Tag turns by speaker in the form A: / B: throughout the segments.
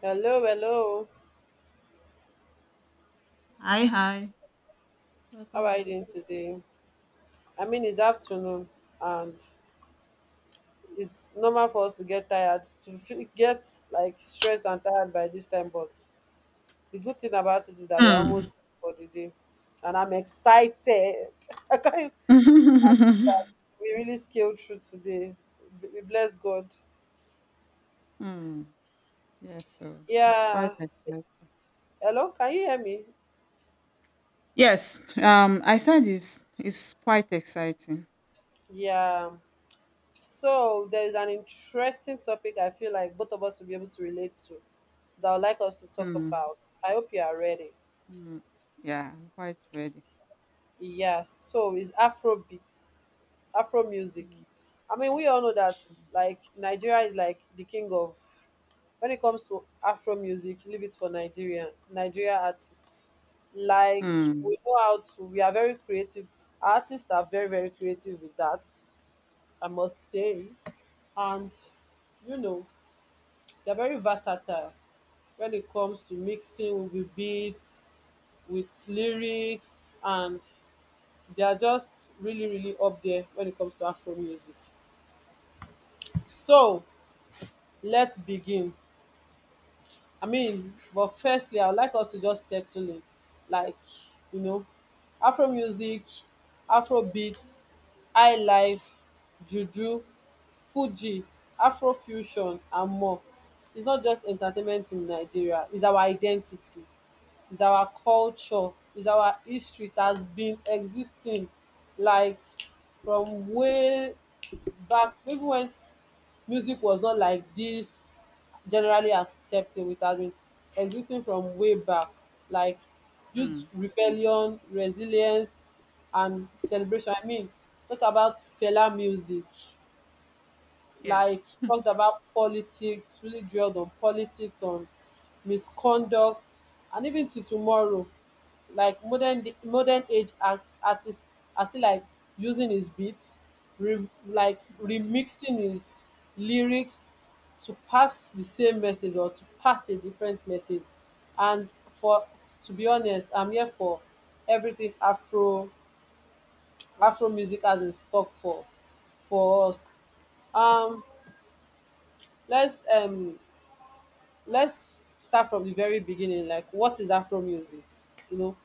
A: Hello, hello.
B: Hi, hi.
A: How
B: Welcome
A: are you
B: back.
A: doing today? I mean, it's afternoon, and it's normal for us to get tired, to feel, get like stressed and tired by this time. But the good thing about it is that we're almost
B: Hmm.
A: done for the day, and I'm excited. I can't. We really scaled through today. We bless God.
B: Hmm. Yes, so it's quite
A: Yeah. So,
B: exciting.
A: hello, can you hear me?
B: Yes, I said it's quite exciting.
A: Yeah. So there is an interesting topic I feel like both of us will be able to relate to that I would like us to talk
B: Hmm.
A: about. I hope you are ready.
B: Hmm. Yeah, I'm quite ready.
A: Yeah, so it's Afrobeats, Afro music.
B: Hmm.
A: I mean, we all know that like Nigeria is like the king of when it comes to Afro music, leave it for Nigeria, Nigeria artists. Like
B: Hmm.
A: we know how to we are very creative. Artists are very, very creative with that, I must say. And you know, they're very versatile, when it comes to mixing with beats, with lyrics, and they are just really, really up there when it comes to Afro music. So let's begin. I mean, but firstly, I would like us to just settle in, like you know, Afro music, Afro beats, high life, juju, Fuji, Afro fusion, and more. It's not just entertainment in Nigeria; it's our identity. Is our culture, is our history. It has been existing like from way back, even when music was not like this generally acceptable, it has been existing from way back. Like youth
B: Hmm.
A: rebellion, resilience, and celebration. I mean, talk about Fela music,
B: Yeah.
A: like she talked about politics, really drilled on politics, on misconduct, and even to tomorrow. Like modern age act artist are still like using his beats, re, like
B: Hmm.
A: remixing his lyrics to pass the same message or to pass a different message. And for to be honest, I'm here for everything Afro Afro music has in stock for us. Um let's let's start from the very beginning. Like what is Afro music, you know?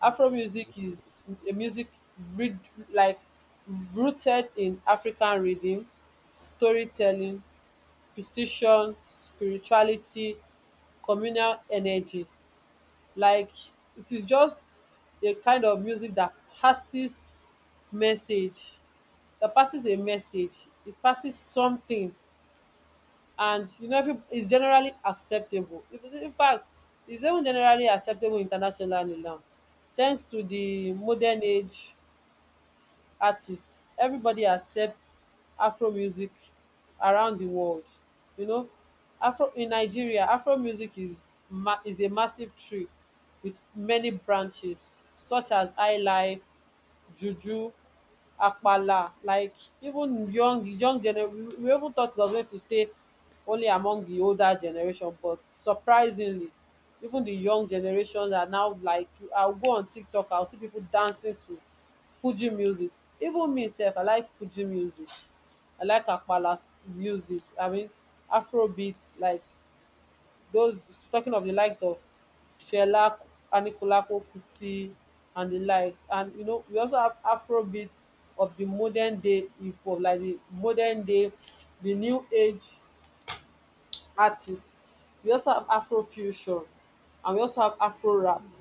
B: Hmm.
A: Afro music is a music read, like rooted in African rhythm, storytelling, precision, spirituality, communal energy. Like it is just a kind of music that passes message, that passes a message. It passes something, and you know every it's generally acceptable. In fact, it's even generally acceptable internationally now, thanks to the
B: Hmm.
A: modern age artists. Everybody accepts Afro music around the world, you know. Afro in Nigeria, Afro music is is a massive tree with many branches such as highlife, juju, akpala. Like even young young gener we even thought it was going to stay only among the older generation, but surprisingly even the young generation are now like I will go on TikTok, I will see people dancing to Fuji music. Even me sef, I like Fuji music. I like akpala music. I mean, Afro beats like those, talking of the likes of Fela Anikulapo Kuti and the likes. And you know, we also have Afrobeat of the modern day hip hop, like the modern day, the new age artists. We also have Afrofusion, and we also have Afro rap.
B: Hmm.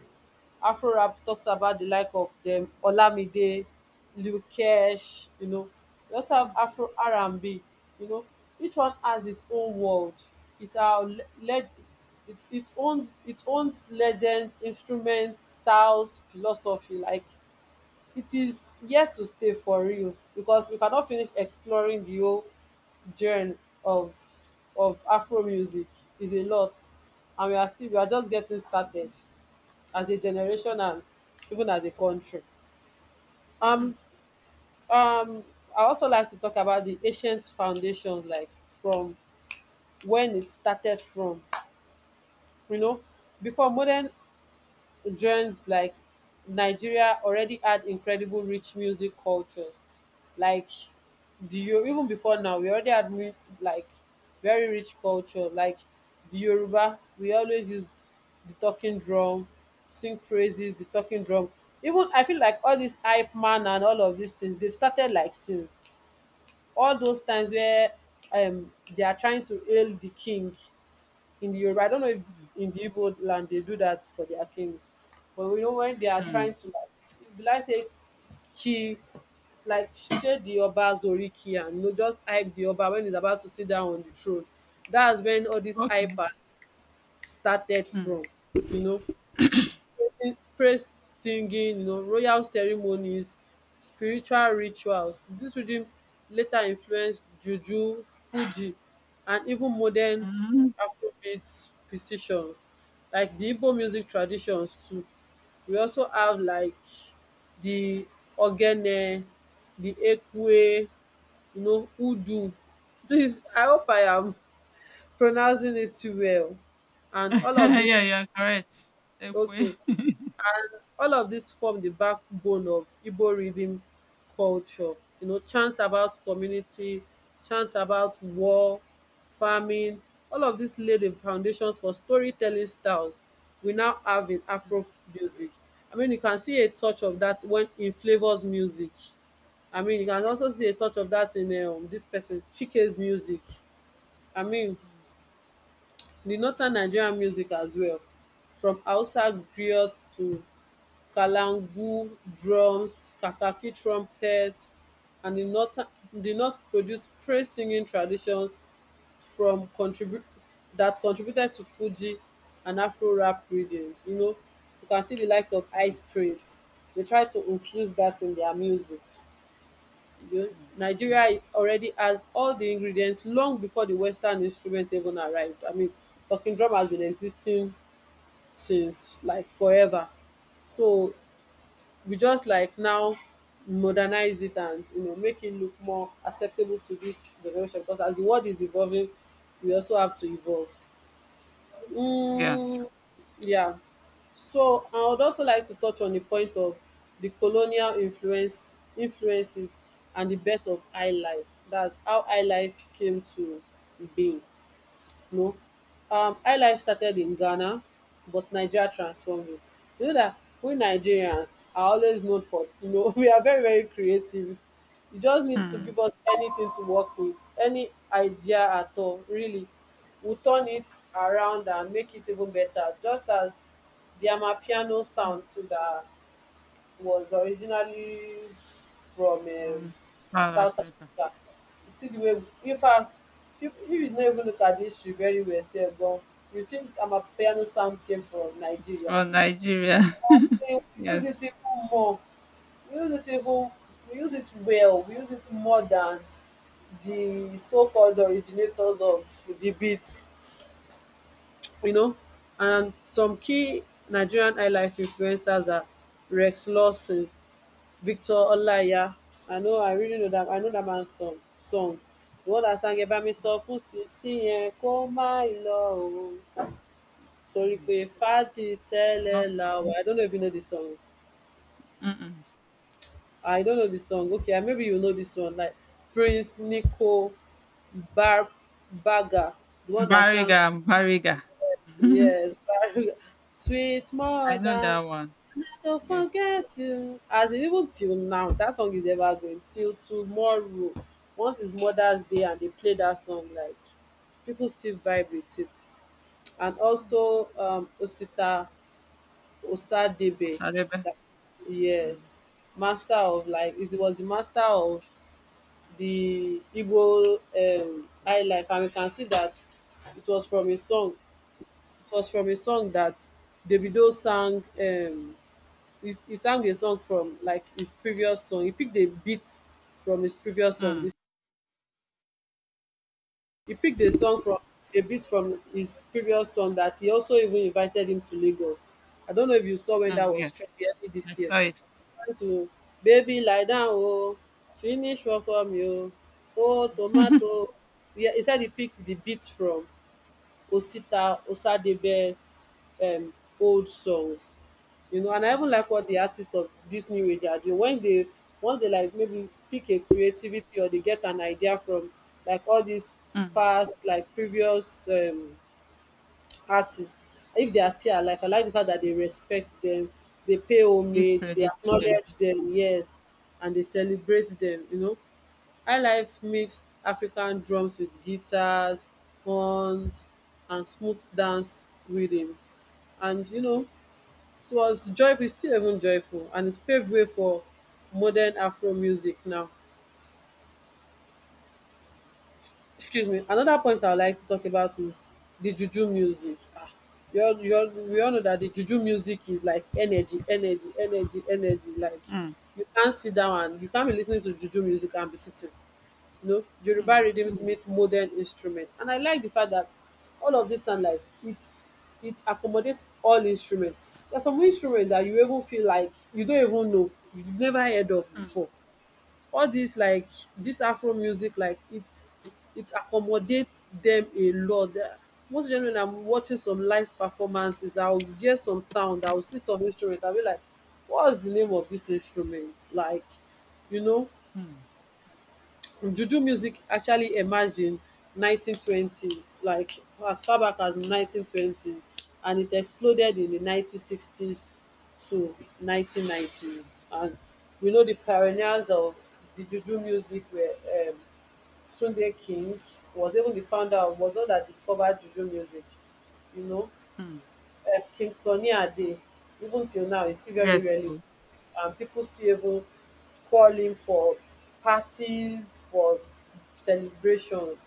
A: Afro rap talks about the like of dem Olamide, Lukesh, you know. We also have
B: Hmm.
A: Afro R and B, you know. Each one has its own world. It are le- led it owns legends, instruments, styles, philosophy. Like it is here to stay for real, because we cannot finish exploring the whole journey of of Afro music. Is a lot, and we are just getting started as a generation and even as a country.
B: Hmm.
A: Um, um, I also like to talk about the ancient foundations, like from when it started from, you know, before modern genres. Like Nigeria already had incredible rich music cultures, like even before now we already had like very rich culture. Like the Yoruba, we always use the talking drum, sing praises, the talking drum. Even I feel like all this hype man and all of these things, they've started like since all those times where um they are trying to hail the king in the Yoruba. I don't know if
B: Hmm.
A: in the Igbo land they do that for their kings, but we know when they are
B: Hmm.
A: trying to, like, will I say, ki, like say the Oba Zoriki and you know, just hype the Oba when he's about to sit down on the throne. That's when all these
B: Okay.
A: hypers started
B: Hmm.
A: from, you know, praise singing, you know, royal ceremonies, spiritual rituals. This rhythm later influenced juju, fuji and even modern
B: Hmm.
A: Afrobeat precision. Like the Igbo music traditions too. We also have like the ogene, the ekwe, you know, udu. Please, I hope I am pronouncing it well. And all of this,
B: Yeah, yeah, correct. Ekwe.
A: okay, all of this form the backbone of Igbo rhythm culture. You know, chants about community, chants about war, farming, all of this laid the foundations for storytelling styles we now have in
B: Hmm.
A: Afro music. I mean you can see a touch of that when in Flavour's music. I mean you can also see a touch of that in dis pesin Chike's music. I mean
B: Hmm.
A: di northern Nigerian music as well, from Hausa griots to kalangu drums, kakaki trumpet, and di north produce praise singing traditions from contribute that contributed to fuji and Afro rap rhythms. You know, you can see the likes of
B: Hmm.
A: Ice Prince. They try to infuse that in their music. You know,
B: Hmm.
A: Nigeria already has all the ingredients long before the western instrument even arrived. I mean talking drum has been existing since like forever. So we just like now modernize it, and you know make it look more acceptable to this generation, because as the world is evolving, we also have to evolve.
B: Yeah.
A: Mm, yeah. So I would also like to touch on the point of the colonial influences and the birth of high life. That's how high life came to be. No. iLife started in Ghana, but Nigeria transformed it. You know that we
B: Hmm.
A: Nigerians are always known for, you know, we are very, very creative. You just need to
B: Hmm.
A: give us anything to work with, any idea at all, really. We'll turn it around and make it even better, just as the Amapiano sound to the was originally from
B: From South
A: South
B: Africa.
A: Africa. You see the way, in fact, if you don't even look at the history very well, still gone, you see Amapiano sound came from
B: It's
A: Nigeria.
B: from Nigeria.
A: So we use
B: Yes.
A: it even more. We use it even, we use it well. We use it more than the so-called originators of the beats, you know. And some key Nigerian highlife influencers are Rex Lawson, Victor Olaiya. I know, I really know dat, I know dat man song, song, the one that sang ẹ bá mi sọ fún sisi yẹn kó má lọ o torí pé
B: Mm.
A: fàájì
B: They're
A: tẹ́lẹ̀
B: not
A: la
B: from-
A: wà. I don't know if you know the song.
B: Mm-mm.
A: I don't know the song, okay. Ah, maybe you know this one, like Prince Nico bar Bagga, the one that sang.
B: Bariga, Bariga.
A: Yes, sweet
B: I know
A: mother,
B: that one.
A: don't
B: Yes.
A: forget you. As in, even till now, that song is evergreen. Till tomorrow, once it's Mother's Day and they play that song, like people still vibe with it. And
B: Mm.
A: also, Osita Osadebe,
B: Osadebe.
A: that,
B: Mm.
A: yes, master of like it was the master of the Igbo high life, and we can see that it was from his song. It was from a song that Davido sang. He sang a song from like his previous song. He picked a beat from his previous song.
B: Mm.
A: This he picked a song from a beat from his previous song, that he also even invited him to Lagos. I don't know if you saw when that
B: Mm.
A: was
B: Yes.
A: trending early
B: I
A: this year.
B: saw it.
A: Trying to baby lie down oh, finish work for me oo, oh tomato. Yeah, he said he picked the beat from Osita Osadebe's um old songs, you know. And I even
B: Mm.
A: like what the artists of this new age are doing when they once they like maybe pick a creativity or they get an idea from like all these
B: Mm.
A: past, like previous artists. If they are still alive, I
B: Yeah.
A: like the fact that they respect them, they pay
B: I give
A: homage, they
B: credit to them.
A: acknowledge them,
B: Mm.
A: yes, and they celebrate them, you know. Highlife mixed African drums with guitars, horns, and smooth dance rhythms. And you know, it was joyful, its still even joyful, and it paved way for modern Afro music now. Excuse me, another point I would like to talk about is the juju music. Ah, you all we all know that the juju music is like energy, energy, energy, energy. Like
B: Mm.
A: you can't sit down and you can't be listening to juju music and be sitting, you know. Yoruba
B: Mm.
A: rhythms meet modern instrument. And I like the fact that all of this sound like it's it accommodates all instruments. There's some instrument that you even feel like you don't even know, you've never heard of
B: Mm. Mm.
A: before. All this, like this Afro music, like it accommodates them a lot. Most generally, when I'm watching some live performances, I'll hear some sound, I'll see some instrument, I'll be like, what's the name of this instrument? Like, you know,
B: Mm.
A: Juju music actually emerged in 1920s, like as far back as 1920s, and it exploded in the 1960s to 1990s. And we know the pioneers of the Juju music were um, Tunde King, was even the founder of, was the one that discovered Juju music, you know
B: Mm.
A: king sunny ade even till now is still very
B: Yes.
A: relevant.
B: Oh.
A: And people still even call him for parties, for celebrations.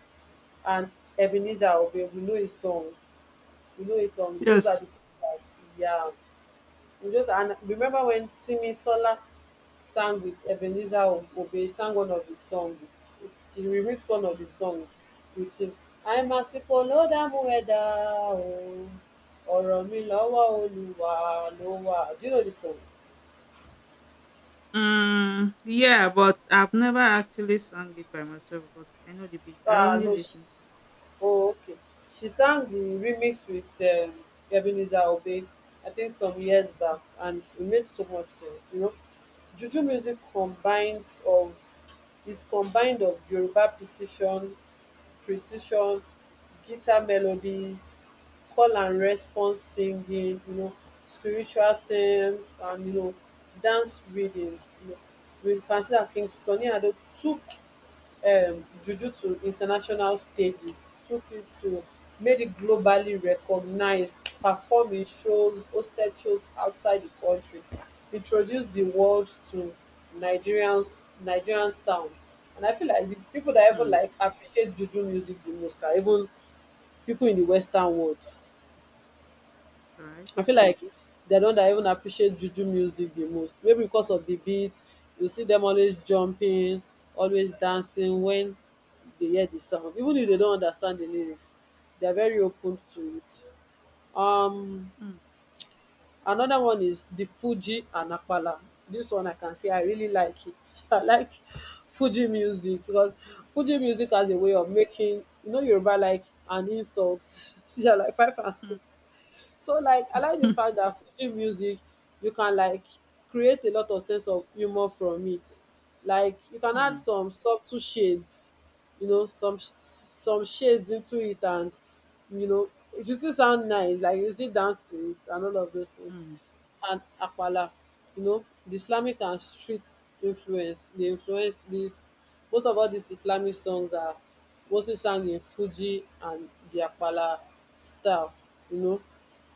A: And Ebenezer Obey, we know his song. We know his song. Those are
B: Yes.
A: the people that, yeah. We just and remember when Simi Sola sang with Ebenezer Obey, sang one of his songs, he remixed one of his
B: Mm.
A: songs with him. I'm àsìkò ló dààmú ẹ̀dá o, ọ̀rọ̀ mi lọ́wọ́ Olúwa ló wà. Do you know this song?
B: Mm, yeah, but I've never actually sung it by myself, but I know the beat. I
A: Ah,
B: only
A: no.
B: listen to it.
A: Oh, okay. She sang the remix with Ebenezer Obey, I think some years back, and it made so much sense. Juju music combines of is combined of Yoruba precision guitar melodies, call and response singing, spiritual themes and dance rhythms, with Francis Akintunde Sunny Ado, took juju to international stages, took tukitu, made it globally recognised, performing shows, hosted shows outside the country, introduced the world to Nigerian sound. And I feel like the people that even
B: Mm,
A: like appreciate juju music the most are even people in the western world.
B: right?
A: I feel like they're the one that even appreciate juju music the most. Maybe because of the beat, you see them always jumping, always dancing
B: Mm,
A: when they hear the sound. Even if they don't understand the lyrics, they're very open to it. Um,
B: mm,
A: another one is the Fuji and Apala. This one I can say I really like it. I like Fuji music because Fuji music has
B: mm,
A: a way of making you know Yoruba like an insult. They're like five and
B: mm,
A: six. So, like, I like the fact that film music you can, like, create a lot of sense of humor from it. Like you can add
B: mm,
A: some subtle shades, some shades into it, and it will still sound nice, like you still dance to it and all of those things.
B: mm,
A: And akpala, the islamic and street influence. They influence this. Most of all these islamic songs are mostly sung in fuji and di akpala style you know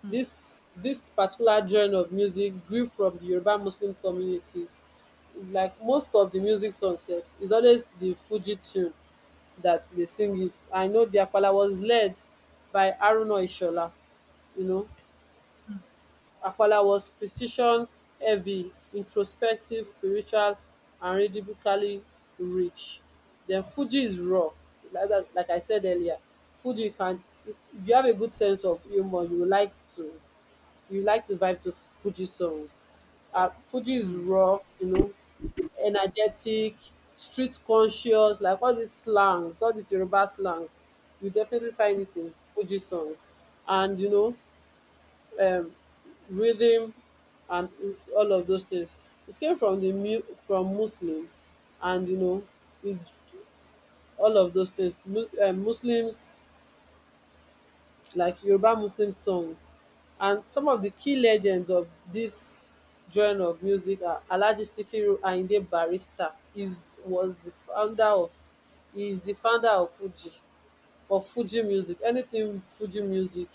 B: mm,
A: this particular genre of music grew from the Yoruba muslim communities. Like most of the music songs, sef is always the fuji tune that they sing it. I know di akpala was led by Haruna Ishola, you know
B: mm,
A: Akpala was precision-heavy, introspective, spiritual and rhythmically rich. Then Fuji is raw. Like that, like I said earlier, Fuji can if you have a good sense of humor, you like to vibe to Fuji songs. Fuji is
B: mm,
A: raw, energetic, street conscious, like all these slangs, all these Yoruba slangs, you definitely find it in Fuji songs. And um rhythm and all of those things. It came from Muslims, and it, all of those things. Muslims like Yoruba Muslim songs, and some of the key legends of this genre of music are Alhaji Sikiru Ayinde Barrister is was the founder of he is the founder of Fuji, of Fuji music. Anything Fuji music,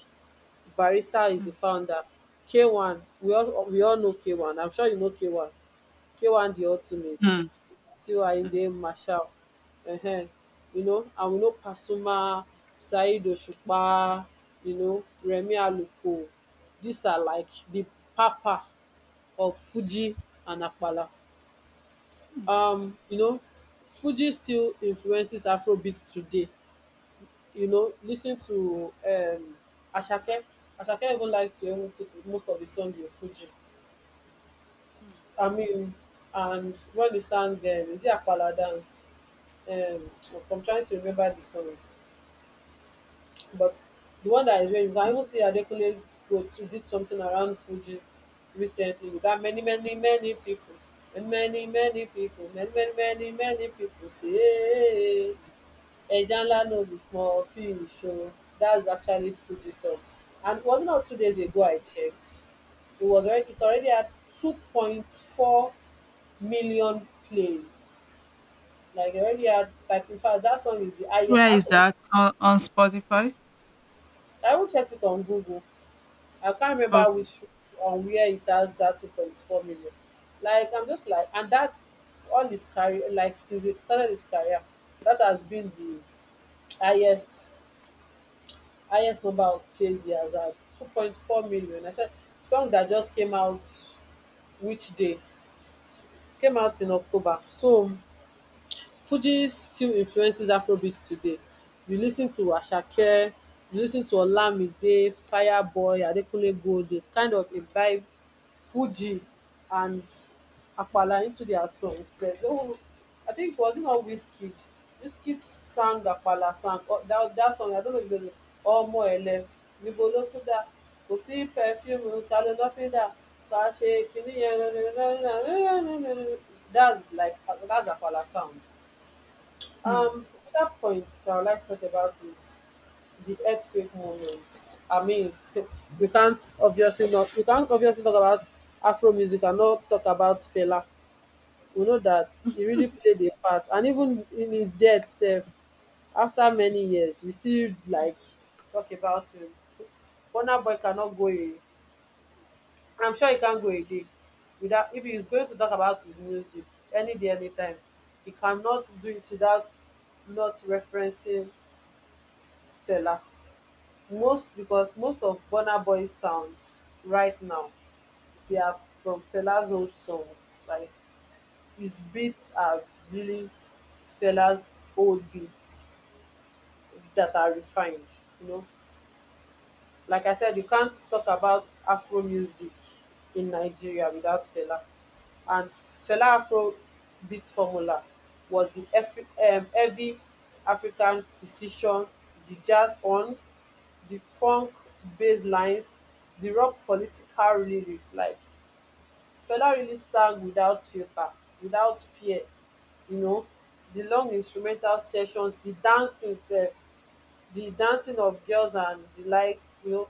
A: barrister is di founder. K1, we all know K1, I'm sure you know K1 di ultimate,
B: mm,
A: tiwainde
B: mm,
A: marshal. um and we know pasuma, saheed òṣùpá, remi aluko. Dis are like di papa of fuji and apala.
B: mm,
A: um you know Fuji still influences afrobeat today. Listen to Ashake. Ashake even likes to even put most of the songs in Fuji.
B: mm.
A: I mean, and when he sang, is it Apala Dance? So I'm trying to remember the song, but the one that is where you can even see Adekunle go to did something around Fuji recently with that many, many, many people. And many, many people, many, many, many, many people say, Eja Nla No Be Small Fish oh, that's actually Fuji song. And it was it not 2 days ago I checked. It already had 2.4 million plays. Like it already had, like, in fact, that song is the highest
B: Where
A: out
B: is
A: of—
B: that? On Spotify?
A: I even checked it on Google. I can't remember
B: Okay.
A: which on where it has that 2.4 million. Like I'm just like— and that, all his career, like since he started his career, that has been the highest highest number of plays he has had. 2.4 million, I said. Song that just came out, which day, came out in October. So fuji still influences afrobeat today. You lis ten to asake, you lis ten to olamide, fireboy, adekunle gold dey kind of imbibe fuji and apala into dia songs den. I think it was it not Wizkid sang apala song. Oh, that song, I don't know if you know the, ọmọ ẹlẹ níbo ló tún dà kò sí pẹfíìmù ta ló lọ́fíńdà ká ṣe kinní yẹn. That's like, that's apala sound.
B: Mm,
A: Another point I would like to talk about is the earthquake movement. I mean, we can't obviously talk about Afro music and not talk about Fela. We know that he really played a part, and even in his death, sef, after many years, we still like talk about him. Burna Boy cannot go a, I'm sure he can't go again. Without if he is going to talk about his music any day, anytime, he cannot do it without not referencing Fela. Most because most of Burna Boy sounds right now, they are from Fela's old songs, like his beats are really Fela's old beats that are refined. you know like I said, you can't talk about afro music in Nigeria without Fela. And Fela Afro beat formula was heavy African precision, the jazz horns, the funk bass lines, the rock political lyrics. Like Fela really sang without filter, without fear you know the long instrumental sessions, the dancing sef, the dancing of girls and the likes,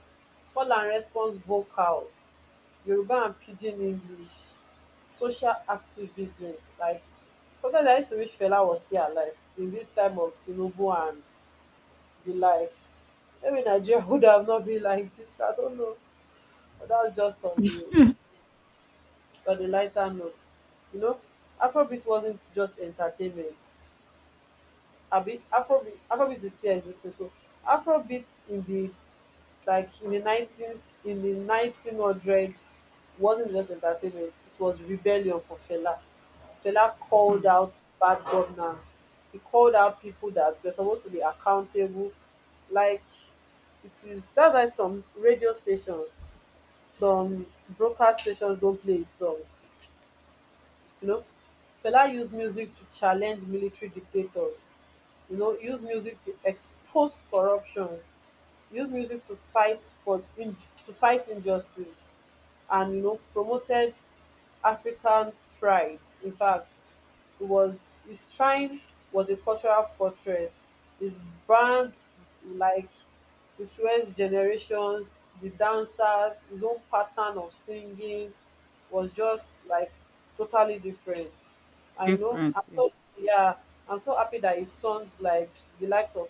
A: call and response vocals, Yoruba and pidgin english, social activism. Like sometimes I used to wish Fela was still alive in this time of Tinubu and the likes. Maybe Nigeria would have not been like this. I don't know, but that's just on the lighter note. you know Afrobeat wasn't just entertainment. Abi afrobeat is still existing. So afrobeat in the Like in the 19s, in the 1900, wasn't just entertainment, it was rebellion for Fela. Fela called
B: mm.
A: out bad governance. He called out people that were supposed to be accountable. Like it is that's why some radio stations, some broadcast stations don't play his songs. You know, Fela used music to challenge military dictators. You know, he used music to expose corruption, used music to fight injustice and promoted African pride. In fact, it was his shrine was a cultural fortress. His band, like, influenced generations, the dancers. His own pattern of singing was just like totally different. I know
B: Different.
A: I'm
B: Yeah.
A: so yeah, I'm so happy that his sons, like the likes of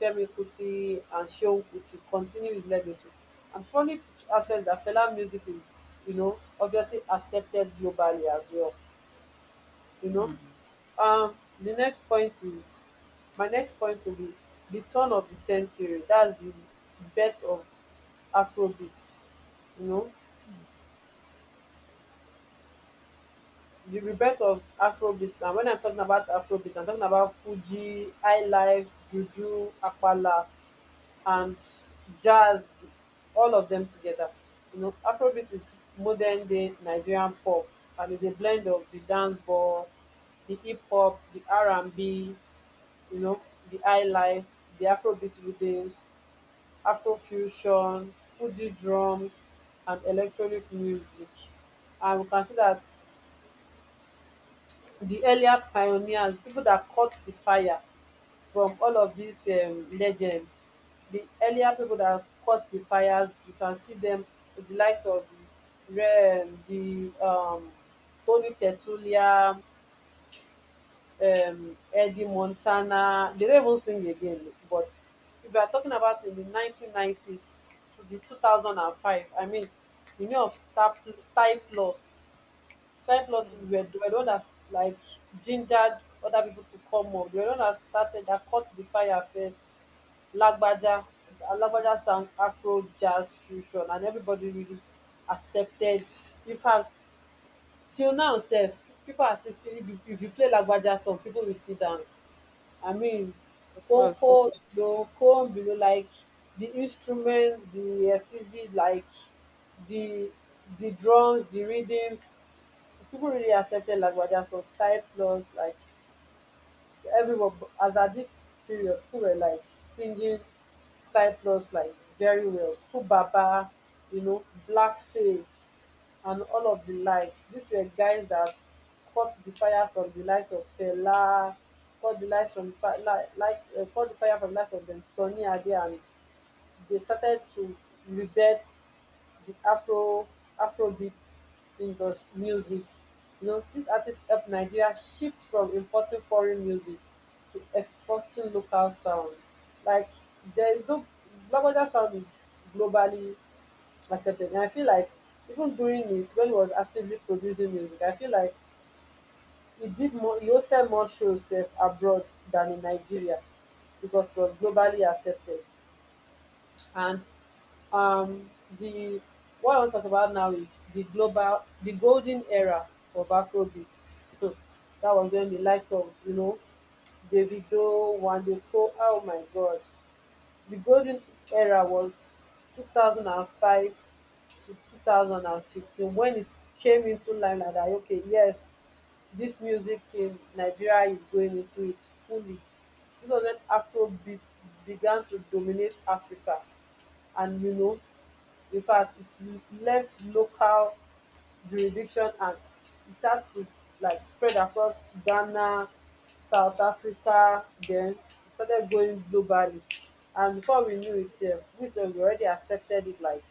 A: Femi Kuti and Shehu Kuti, continue his legacy. And funny aspect that Fela music is, obviously accepted globally as well. You know,
B: Mm,
A: um, the next point is, my next point will be the turn of the century. That's the birth of Afrobeat. You know,
B: mm,
A: the rebirth of Afrobeat. And when I'm talking about Afrobeat, I'm talking about Fuji, High Life, Juju, Apala, and jazz, all of them together. Afrobeat is modern day Nigerian pop, and is a blend of the dance ball, the hip hop, the r&b you know the high life, the afrobeat rhythms, afrofusion, fuji drums and electronic music. And we can see that the earlier pioneers, people that caught the fire from all of these legends. The earlier people that caught the fires, you can see them with the likes of the, Re- the Tony Tertulia, Eddie Montana. They don't even sing again. But if you are talking about in the 1990s to the 2005, I mean, you know of Star Plus, it's time. we were,
B: mm.
A: we were the one that like gingered other people to come up. We were the one that started, that caught the fire first. Lagbaja, Lagbaja sang Afro jazz fusion, and everybody really accepted. In fact, till now, sef, people are still singing. If you play Lagbaja song, people will still dance. I mean,
B: Of course.
A: konko below, kon below, like the instrument, the physics, like the the drums, the rhythms, people really accepted Lagwaja so style plus like everyone as at this period people were like singing style plus like very well Fubaba, you know, blackface and all of the likes. These were guys that caught the fire from the likes of Fela, caught the likes from fa- li- likes caught the fire from the likes of them Sonny Ade, and they started to rebirth the Afrobeat industry music. You know, this artist helped Nigeria shift from importing foreign music to exporting local sound. Like there is no Lagbaja sound is globally accepted. And I feel like even during this when he was actively producing music, I feel like he hosted more shows sef abroad than in Nigeria because it was globally accepted. And um, the what I want to talk about now is the golden era of Afrobeats. That was when the likes of, you know, Davido, Wandeko. Oh my God, the golden era was 2005 to 2015, when it came into line. Like that, okay, yes, this music in Nigeria is going into it fully. This was when Afrobeat began to dominate Africa, and you know, in fact it left local jurisdiction and it starts to like spread across Ghana, South Africa, then it started going globally. And before we knew it, we sef we already accepted it like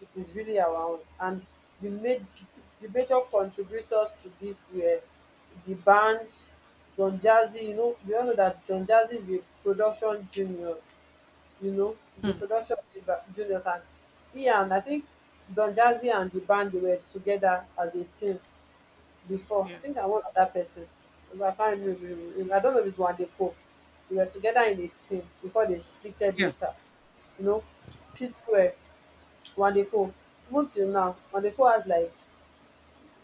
A: it is really our own. And the maj- the major contributors to this were the band Don Jazzy. You know, we all know that Don Jazzy is a production genius. You know, he's a
B: Mm,
A: production genius. And he and I think Don Jazzy and the band, they were together as a team before. I
B: yeah.
A: think I was that person. I can't remember. I don't know if it's Wande Pope. They were together in a team before they splitted
B: Yeah.
A: later, you know. P Square. Nwadepo, even till now Nwadepo has like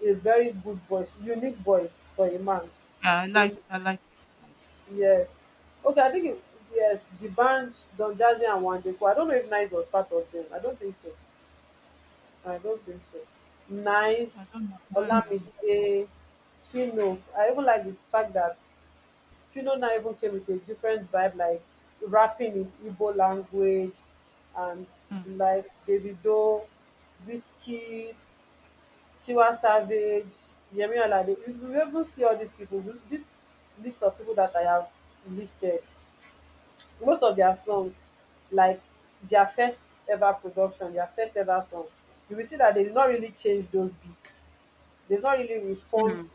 A: a very good voice, unique voice for a man.
B: Yeah.
A: No,
B: I like his voice.
A: yes, okay, I think it, yes, the band Don Jazzy and Nwadepo. I don't know if Nice was part of them. I don't think so.
B: I
A: Nice.
B: don't know. I don't remember.
A: Olamide. Fino, I even like the fact that Fino now even came with a different vibe, like rapping in Igbo language. And
B: Mm,
A: the like Davido, whiskey, tiwa savage, yemi alade. You will even see all these people. This list of people that I have listed, most of their songs, like, their first ever production, their first ever song, you will see that they did not really change those beats. they've not really reformed
B: mm,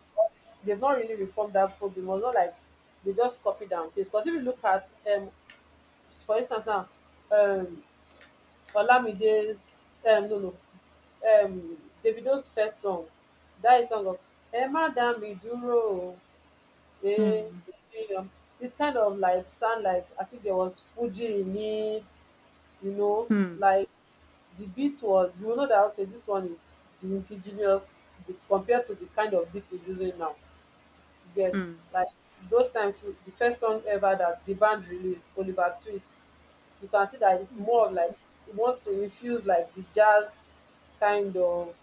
A: they've not really reformed that folk. It was not like they just copied and paste. Because if you look at, um for instance now, um olamide's no no um davido's first song, that is song of Emma, má dúró o, eh,
B: mm,
A: eh, um, it kind of like sound like as if there was fuji in it, you know.
B: mm,
A: Like the beat was, you will know that okay, this one is the indigenous beat compared to the kind of beat it's using now, you get.
B: mm,
A: Like those times too, the first song ever that the band released, oliver twist, you can see that it's more of like it wants to infuse like the jazz kind of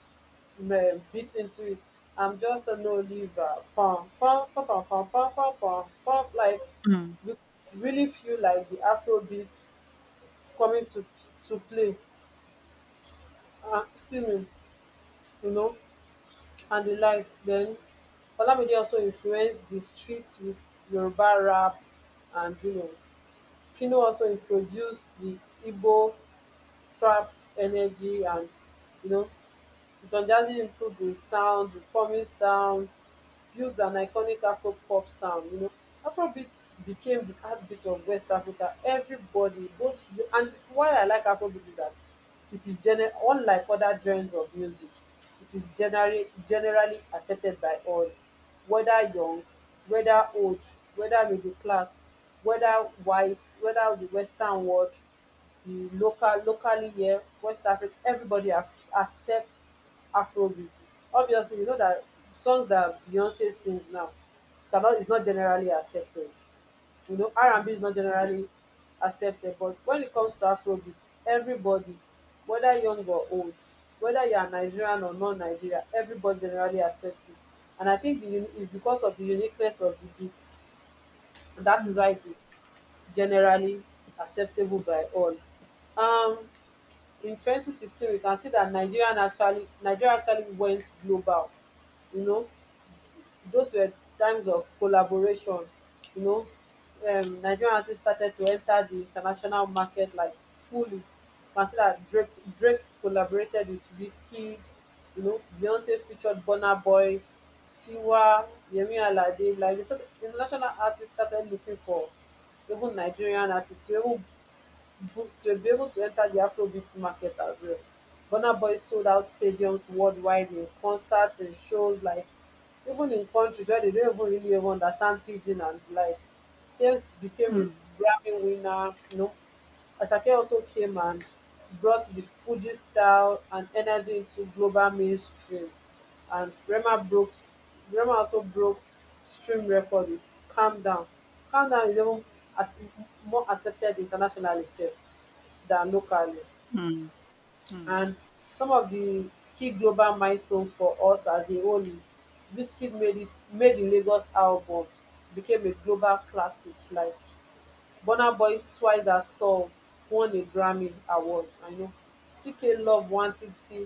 A: beat into it. I'm just an oliver, pom pom pom pom pom pom pom pom pom, like
B: mm.
A: you really feel like the afro beats coming to play. Excuse me, you know, and the likes. Then Olamide also influenced the streets with Yoruba rap. And you know, Fino also introduced the Igbo trap energy. And you know, Donjazzy improved his sound, reforming sound, built an iconic Afro pop sound. You know, Afrobeat became the heartbeat of West Africa. Everybody, both, and why I like Afrobeat is that unlike other genres of music. It is generally accepted by all, whether young, whether old, whether middle class, whether white, whether the Western world, the local locally here, West Africa. Everybody accepts Afrobeat. Obviously, you know that songs that Beyonce sings now, it's not generally accepted. You know, R&B is
B: Mm,
A: not generally accepted, but when it comes to Afrobeat, everybody, whether young or old, whether you are Nigerian or non-Nigerian, everybody generally accepts it. And I think it's because of the uniqueness of the beats. That is why
B: mm,
A: it is generally acceptable by all. Um, in 2016, we can see that nigeria actually went global, you know. Those were times of collaboration, you know. Nigerian artists started to enter the international market like fully. Consider Drake. Drake collaborated with Wizkid, you know. Beyonce featured burna boy, tiwa, yemi alade. Like the international artists started looking for even nigerian artists to even booked to be able to enter the Afrobeat market as well. Burna Boy sold out stadiums worldwide in concerts and shows, like even in countries where they don't even really even understand pidgin and the likes. Tails became
B: mm,
A: a Grammy winner, you know. Asake also came and brought the Fuji style and energy into global mainstream. And rema also broke stream record with calm down. Calm down is even as more accepted internationally sef than locally.
B: mm, mm,
A: And some of the key global milestones for us as a whole is: wizkid made the lagos album became a global classic, like burna boys twice as tall won a grammy award, I know. Ck love1titi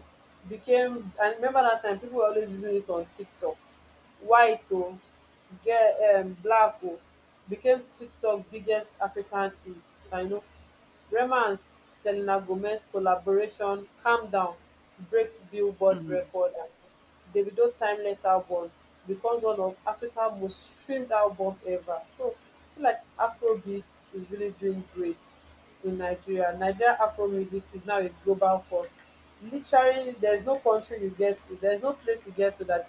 A: became, I remember that time people were always using it on tiktok. White o ge, black o became tiktok biggest african hit, I know. Rema and Selena Gomez collaboration "Calm Down" breaks Billboard
B: mm,
A: record. And Davido "Timeless" album becomes one of Africa's most streamed albums ever. So I feel like Afrobeat is really doing great in Nigeria. Nigeria Afro music is now a global force. Literally, there's no country you get to, there's no place you get to that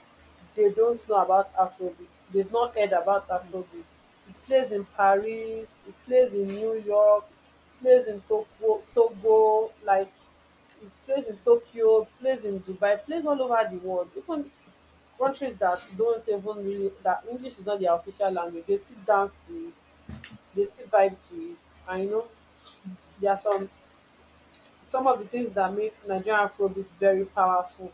A: they don't know about Afrobeat. They've not heard about Afrobeat. It plays in Paris, it plays in New York, it plays in Togo, Togo, like it plays in Tokyo, it plays in Dubai, it plays all over the world. Even countries that don't even really that English is not their official language, they still dance to it, they still vibe to it. I know there are some of the things that make Nigerian Afrobeat very powerful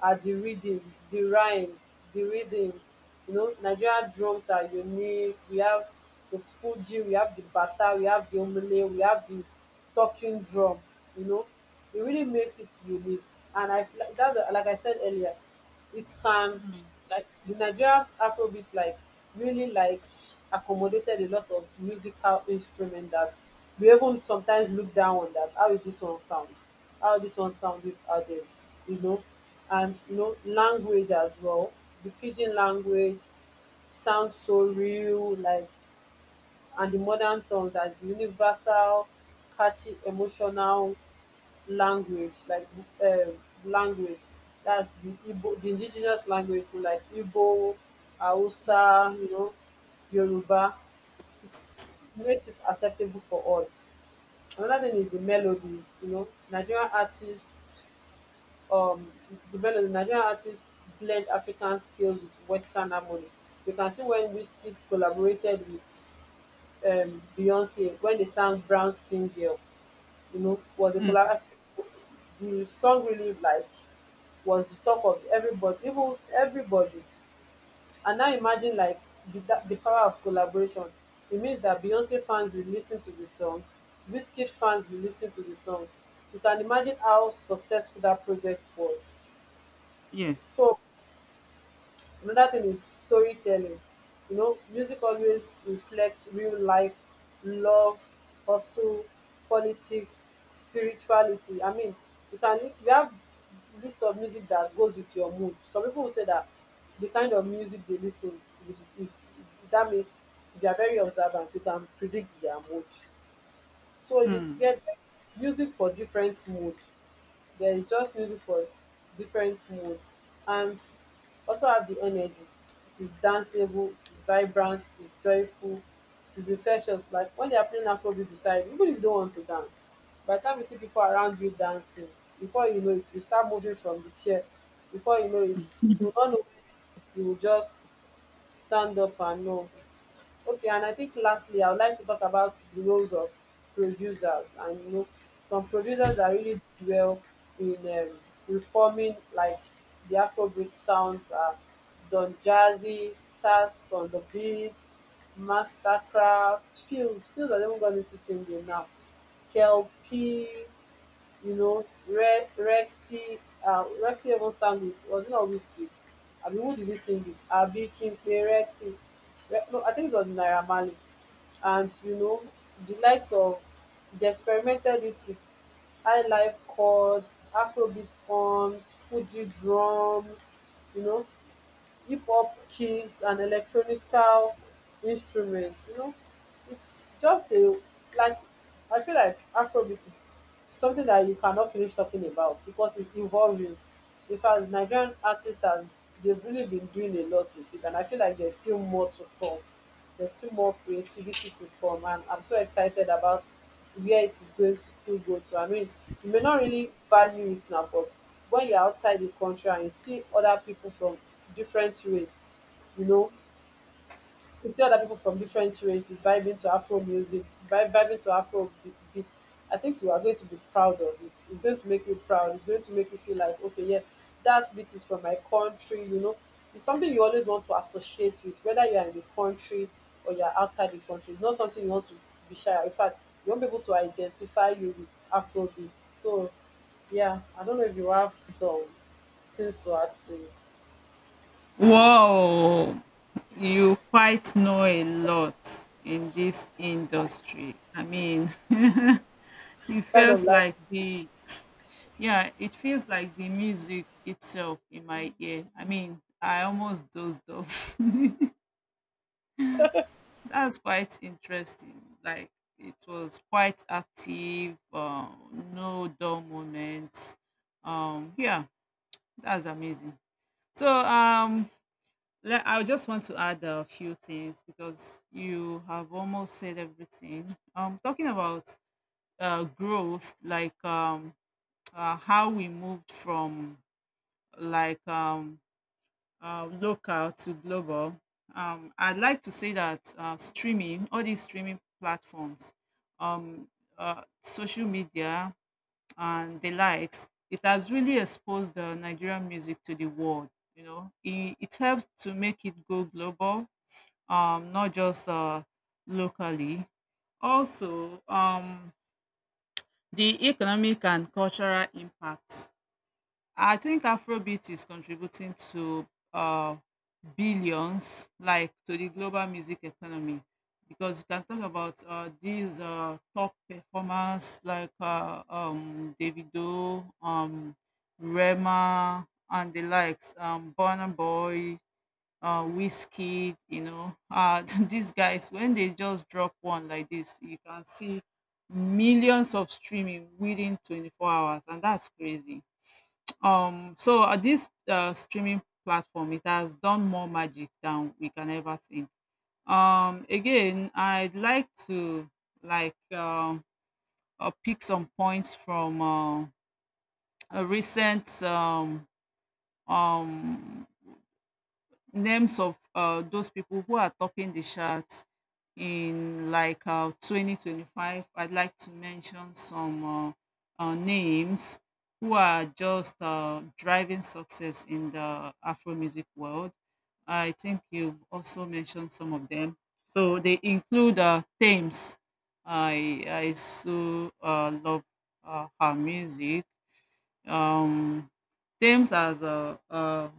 A: are the rhythm. You know, Nigerian drums are unique. We have the Fuji, we have the Bata, we have the Omele, we have the talking drum. You know, it really makes it unique. And I feel like that, like I said earlier, it can
B: mm,
A: like the Nigerian afrobeat like really like accommodated a lot of musical instrument that we even sometimes look down on, that how will this one sound, how this one sound with added, you know. And you know, language as well, the pidgin language sounds so real, like, and the modern tongue, that's the universal catchy emotional language, like, um language that's the Igbo, the indigenous language too, like Igbo, Hausa, you know, Yoruba. It makes it acceptable for all. Another thing is the melodies. You know, Nigerian artists, um, Nigerian artists blend African skills with Western harmony. You can see when Wizkid collaborated with Beyonce, when they sang Brown Skin Girl, you know, was a
B: mm.
A: collab. The song really like was the talk of everybody, even everybody. And now imagine like the power of collaboration. It means that beyonce fans will listen to the song, Wizkid fans will listen to the song. You can imagine how successful that project was.
B: Yes.
A: So another thing is storytelling. You know, music always reflects real life, love, hustle, politics, spirituality. I mean, you have list of music that goes with your mood. Some people will say that the kind of music they listen with is, that means they are very observant. You can predict their mood. So you
B: Mm.
A: get music for different mood, there is just music for different mood. And also have the energy. It is danceable, it is vibrant, it is joyful, it is infectious. Like when they are playing Afrobeat beside you, even if you don't want to dance, by the time you see people around you dancing, before you know it, you start moving from the chair. Before you know it, you will not know when you will just stand up and know. Okay, and I think lastly, I would like to talk about the roles of producers. And you know, some producers that really dwell in reforming like the Afrobeat sounds are Don Jazzy, Stars on the Beat, Mastercraft, Fields. Fields, I even got into singing now. KLP, you know, Rexy, Rexy even sang it. Was it not Whiskey? I mean, who did he sing it? Abi, Kimpe, Rexy. No, I think it was Naira Marley. And, you know, the likes of, they experimented it with high life chords, Afrobeat drums, Fuji drums, you know hip-hop keys and electronical instruments. It's just a like I feel like Afrobeat is something that you cannot finish talking about because it's evolving. In fact, Nigerian artists have they've really been doing a lot with it, and I feel like there's still more to come, there's still more creativity to come, and I'm so excited about where it is going to still go to. I mean, you may not really value it now, but when you're outside the country and you see other people from different race you know you see other people from different races vibing to Afro music, vibing to Afro beat. I think you are going to be proud of it. It's going to make you proud. It's going to make you feel like, okay, yes, that beat is from my country. You know, it's something you always want to associate with, whether you are in the country or you are outside the country. It's not something you want to be shy of. In fact, you want people to identify you with Afro beats. So, yeah, I don't know if you have some things to add to it.
B: Whoa, you quite know a lot in this industry. I mean, it
A: Kind of
B: feels
A: like,
B: like it feels like the music itself in my ear. I mean, I almost dozed off. That's quite interesting. Like it was quite active, no dull moments. Yeah, that's amazing. So I just want to add a few things because you have almost said everything. Talking about growth, like how we moved from like um, local to global. I'd like to say that streaming, all these streaming platforms, um, social media, and the likes, it has really exposed the Nigerian music to the world. You know, it helps to make it go global, not just locally. Also, the economic and cultural impact. I think Afrobeat is contributing to uh, billions, like to the global music economy, because you can talk about these top performers like Davido, Rema, and the likes, Burna Boy, Whiskey. You know, these guys when they just drop one like this, you can see millions of streaming within 24 hours, and that's crazy. This streaming platform, it has done more magic than we can ever think. Again, I'd like to like um pick some points from a recent um names of those people who are topping the charts in like 2025. I'd like to mention some names who are just driving success in the afro music world. I think you've also mentioned some of them. So they include Thames. I so love her music. Um thames has a, a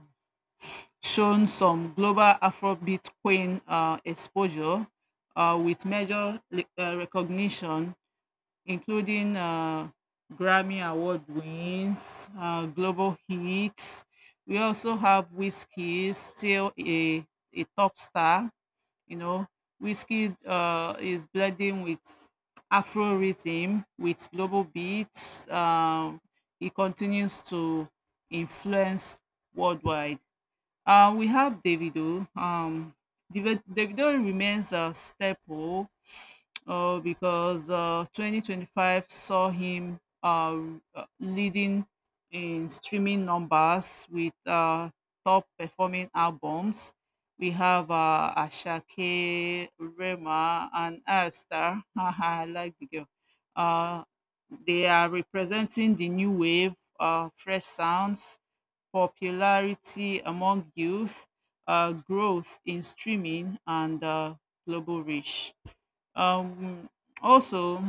B: shown some global Afrobeat queen exposure with major recognition, including Grammy Award wins, global hits. We also have Whiskey, still a top star. You know, Whiskey is blending with Afro rhythm, with global beats. He continues to influence worldwide. We have Davido. Davido remains a staple because 2025 saw him leading in streaming numbers with top performing albums. We have Ashake, Rema, and Asta. I like the girl. Uh, they are representing the new wave, fresh sounds, popularity among youth, growth in streaming, and global reach. Um, Also,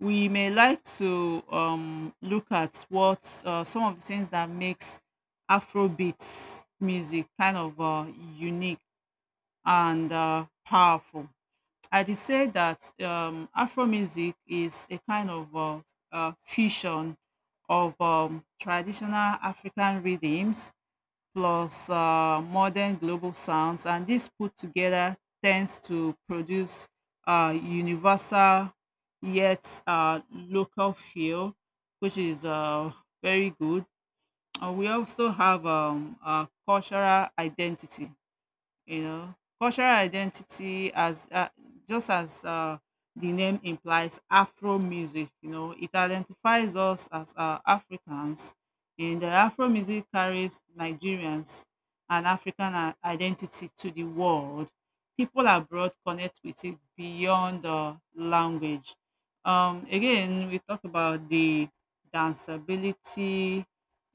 B: we may like to look at what some of the things that makes Afrobeats music kind of unique and powerful. I'd say that Afro music is a kind of fusion of traditional African rhythms plus modern global sounds, and this put together tends to produce universal yet local feel, which is very good. And we also have cultural identity. You know, cultural identity as just as the name implies, Afro music. You know, it identifies us as Africans, and the Afro music carries Nigerians and identity to the world. People abroad connect with it beyond the language. Again, we talk about the danceability,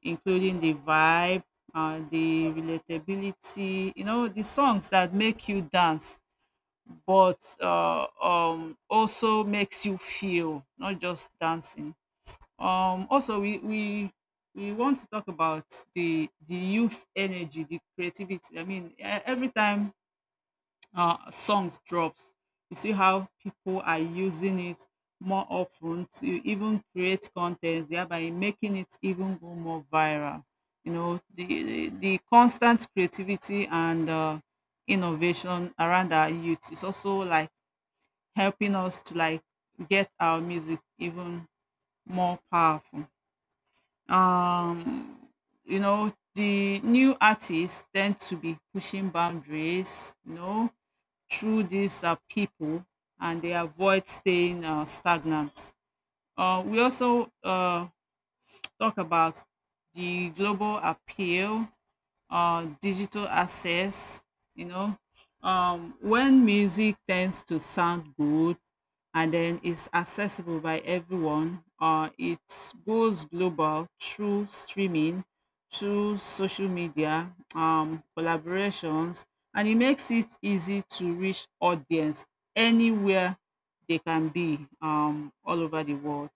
B: including the vibe, the relatability. You know, the songs that make you dance, but also makes you feel, not just dancing. Also, we want to talk about the youth energy, the creativity. I mean, every time songs drops. You see how people are using it more often to even create content, thereby making it even go more viral. You know, the constant creativity and innovation around our youth is also like helping us to like get our music even more powerful. Um, you know, the new artists tend to be pushing boundaries. You know, through these people, and they avoid staying stagnant. We also talk about the global appeal, digital access. You know, when music tends to sound good and then is accessible by everyone, it goes global through streaming, through social media, collaborations, and it makes it easy to reach audience anywhere they can be, all over the world.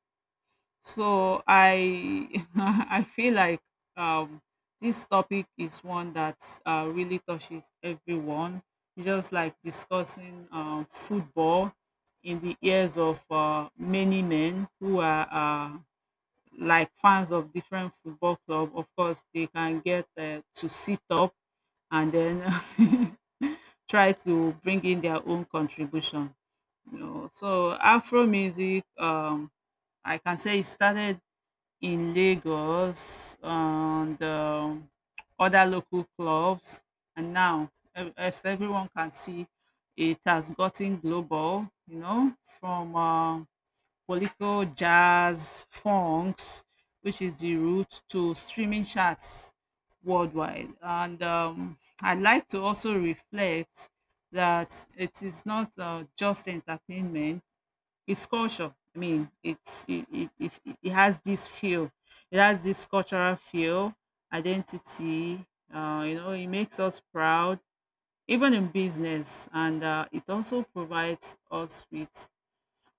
B: So I I feel like um, this topic is one that really touches everyone. Just like discussing football in the ears of many men who are like fans of different football club. Of course, they can get to sit up, and then try to bring in their own contribution. You know, so Afro music. I can say it started in Lagos and other local clubs. And now, as everyone can see, it has gotten global. You know, from political jazz, funks, which is the route to streaming charts worldwide. And I'd like to also reflect that it is not just entertainment, it's culture. I mean, it has this feel, it has this cultural feel, identity. You know, it makes us proud, even in business, and it also provides us with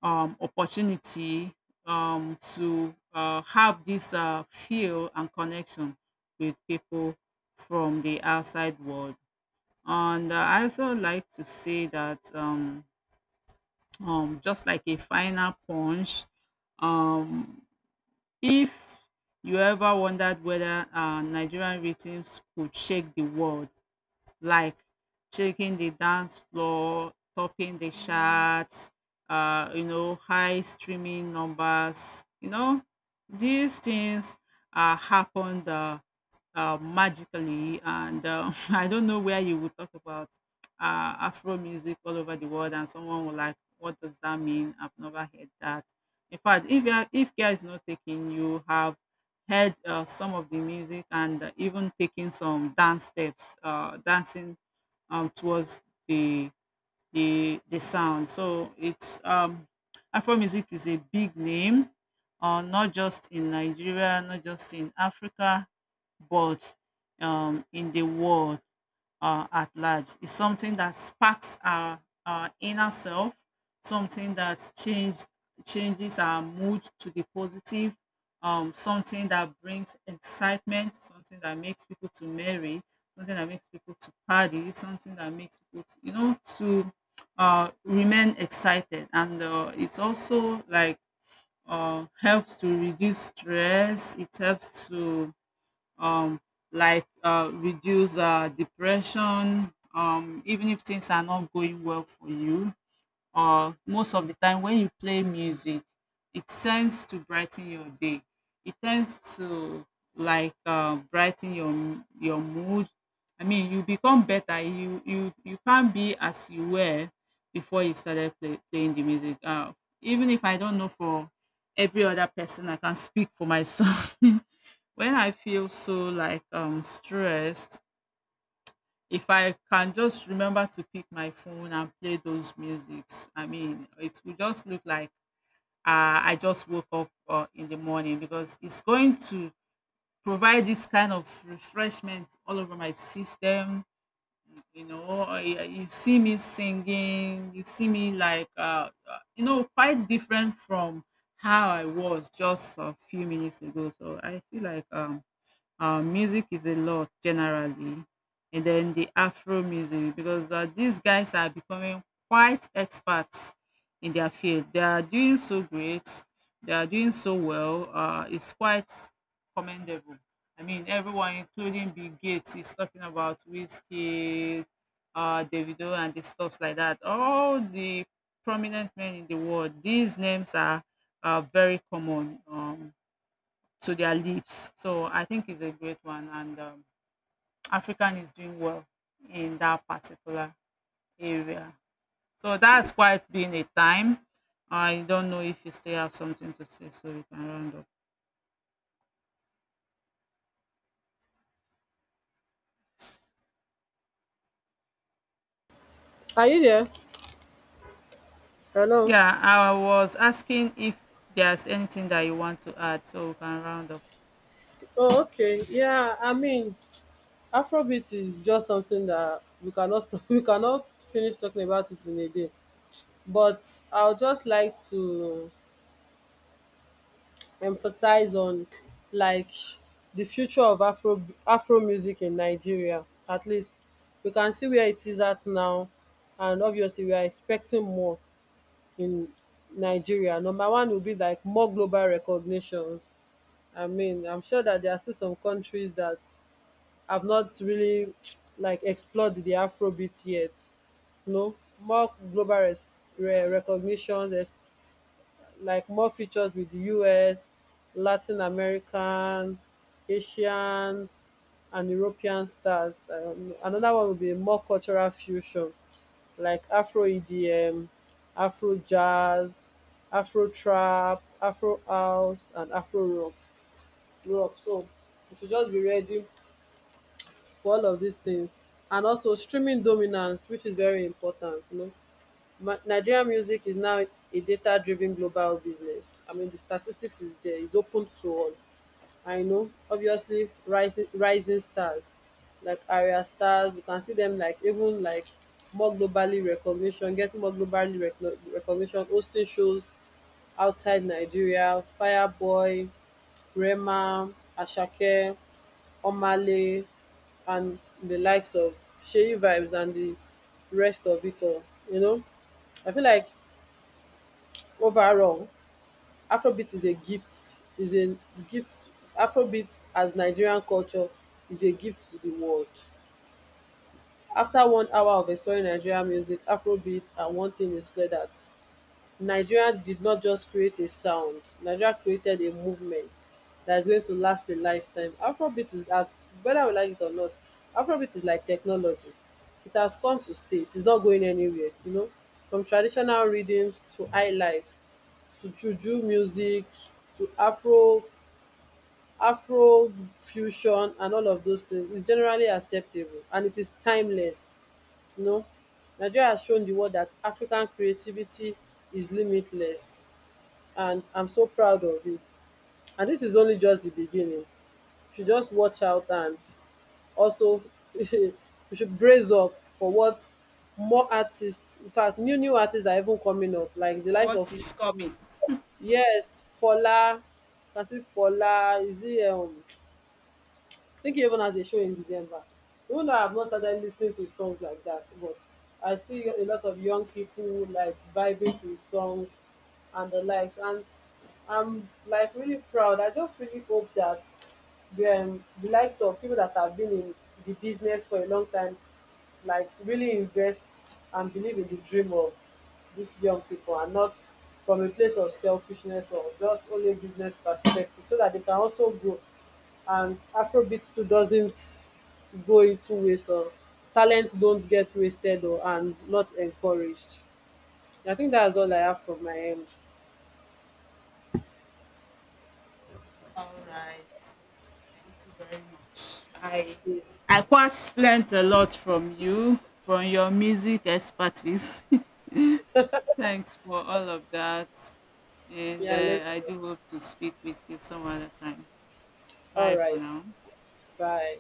B: opportunity to have this feel and connection with people from the outside world. And I also like to say that. Just like a final punch. Um, if you ever wondered whether Nigerian rhythms could shake the world, like shaking the dance floor, topping the charts, you know, high streaming numbers. You know, these things happened magically, and I don't know where you would talk about Afro music all over the world, and someone will like, "What does that mean? I've never heard that." In fact, if you are, if care is not taken, you have heard some of the music, and even taking some dance steps, dancing towards the sound. So it's Afro music is a big name, not just in Nigeria, not just in Africa, but in the world at large. It's something that sparks our inner self, something that changes our mood to the positive, something that brings excitement, something that makes people to merry, something that makes people to party, something that makes people, to, you know, to remain excited. And it's also like helps to reduce stress. It helps to um, like reduce depression, even if things are not going well for you, or most of the time when you play music, it tends to brighten your day, it tends to like brighten your your mood. I mean, you become better. You can't be as you were before you started playing the music, even if I don't know for every other person, I can speak for myself. When I feel so like stressed, if I can just remember to pick my phone and play those musics, I mean, it will just look like I just woke up in the morning, because it's going to provide this kind of refreshment all over my system. You know, you you see me singing, you see me like, you know, quite different from how I was just a few minutes ago. So I feel like music is a lot generally, and then the afro music, because these guys are becoming quite experts in their field. They are doing so great, they are doing so well. It's quite commendable. I mean, everyone including Bill Gates is talking about Whiskey, Davido, and the stuff like that. All the prominent men in the world, these are very common to their lips. So I think it's a great one, and African is doing well in that particular area. So that's quite been a time. I don't know if you still have something to say, so we can round up.
A: are you there? Hello.
B: Yeah, I was asking if there's anything that you want to add, so we can round up.
A: Oh, okay. Yeah, I mean, Afrobeat is just something that we cannot stop, we cannot finish talking about it in a day. But I would just like to emphasize on like the future of Afro music in Nigeria. At least we can see where it is at now, and obviously we are expecting more in Nigeria. Number one will be like more global recognitions. I mean, I'm sure that there are still some countries that I've not really like explored the Afrobeat yet. You know, more global recognitions, like more features with the US, Latin American, Asians, and European stars. Another one would be more cultural fusion, like Afro EDM, Afro jazz, Afro trap, Afro house, and Afro rock. So you should just be ready for all of these things, and also streaming dominance, which is very important. You know, Nigerian music is now a data driven global business. I mean, the statistics is there, it's open to all. I know, obviously, rising stars like area stars, we can see them like even like more globally recognition, getting more globally recognition, hosting shows outside Nigeria. Fireboy, Rema, Asake, Omale, and the likes of Sheyi Vibes and the rest of it all. You know, I feel like overall, Afrobeat is a gift, is a gift. Afrobeat as Nigerian culture is a gift to the world. After 1 hour of exploring Nigerian music, Afrobeat, and one thing is clear: that Nigeria did not just create a sound, Nigeria created a movement that is going to last a lifetime. Afrobeat is as, whether we like it or not, Afrobeat is like technology. It has come to stay, it is not going anywhere. You know, from traditional rhythms to high life, to juju music, to Afro fusion, and all of those things is generally acceptable, and it is timeless. You know, Nigeria has shown the world that African creativity is limitless, and I'm so proud of it. And this is only just the beginning. You should just watch out, and also you should brace up for what more artists, in fact, new artists are even coming up, like the likes
B: What
A: of
B: is coming?
A: yes Fola. I see Fola is, he um, I think he even has a show in December. Even though I have not started listening to his songs like that, but I see a lot of young people like vibing to his songs and the likes, and I'm like really proud. I just really hope that the likes of people that have been in the business for a long time, like really invest and believe in the dream of these young people, and not from a place of selfishness or just only business perspective, so that they can also grow. And Afrobeat too doesn't go into waste, or talents don't get wasted or and not encouraged. I think that's all I have from my end.
B: All right. Thank you very much. I
A: Yeah,
B: I quite learned a lot from you, from your music expertise. Thanks for all of that. And
A: yeah I,
B: I do hope to speak with you some other time.
A: all
B: Bye for
A: right.
B: now.
A: Bye.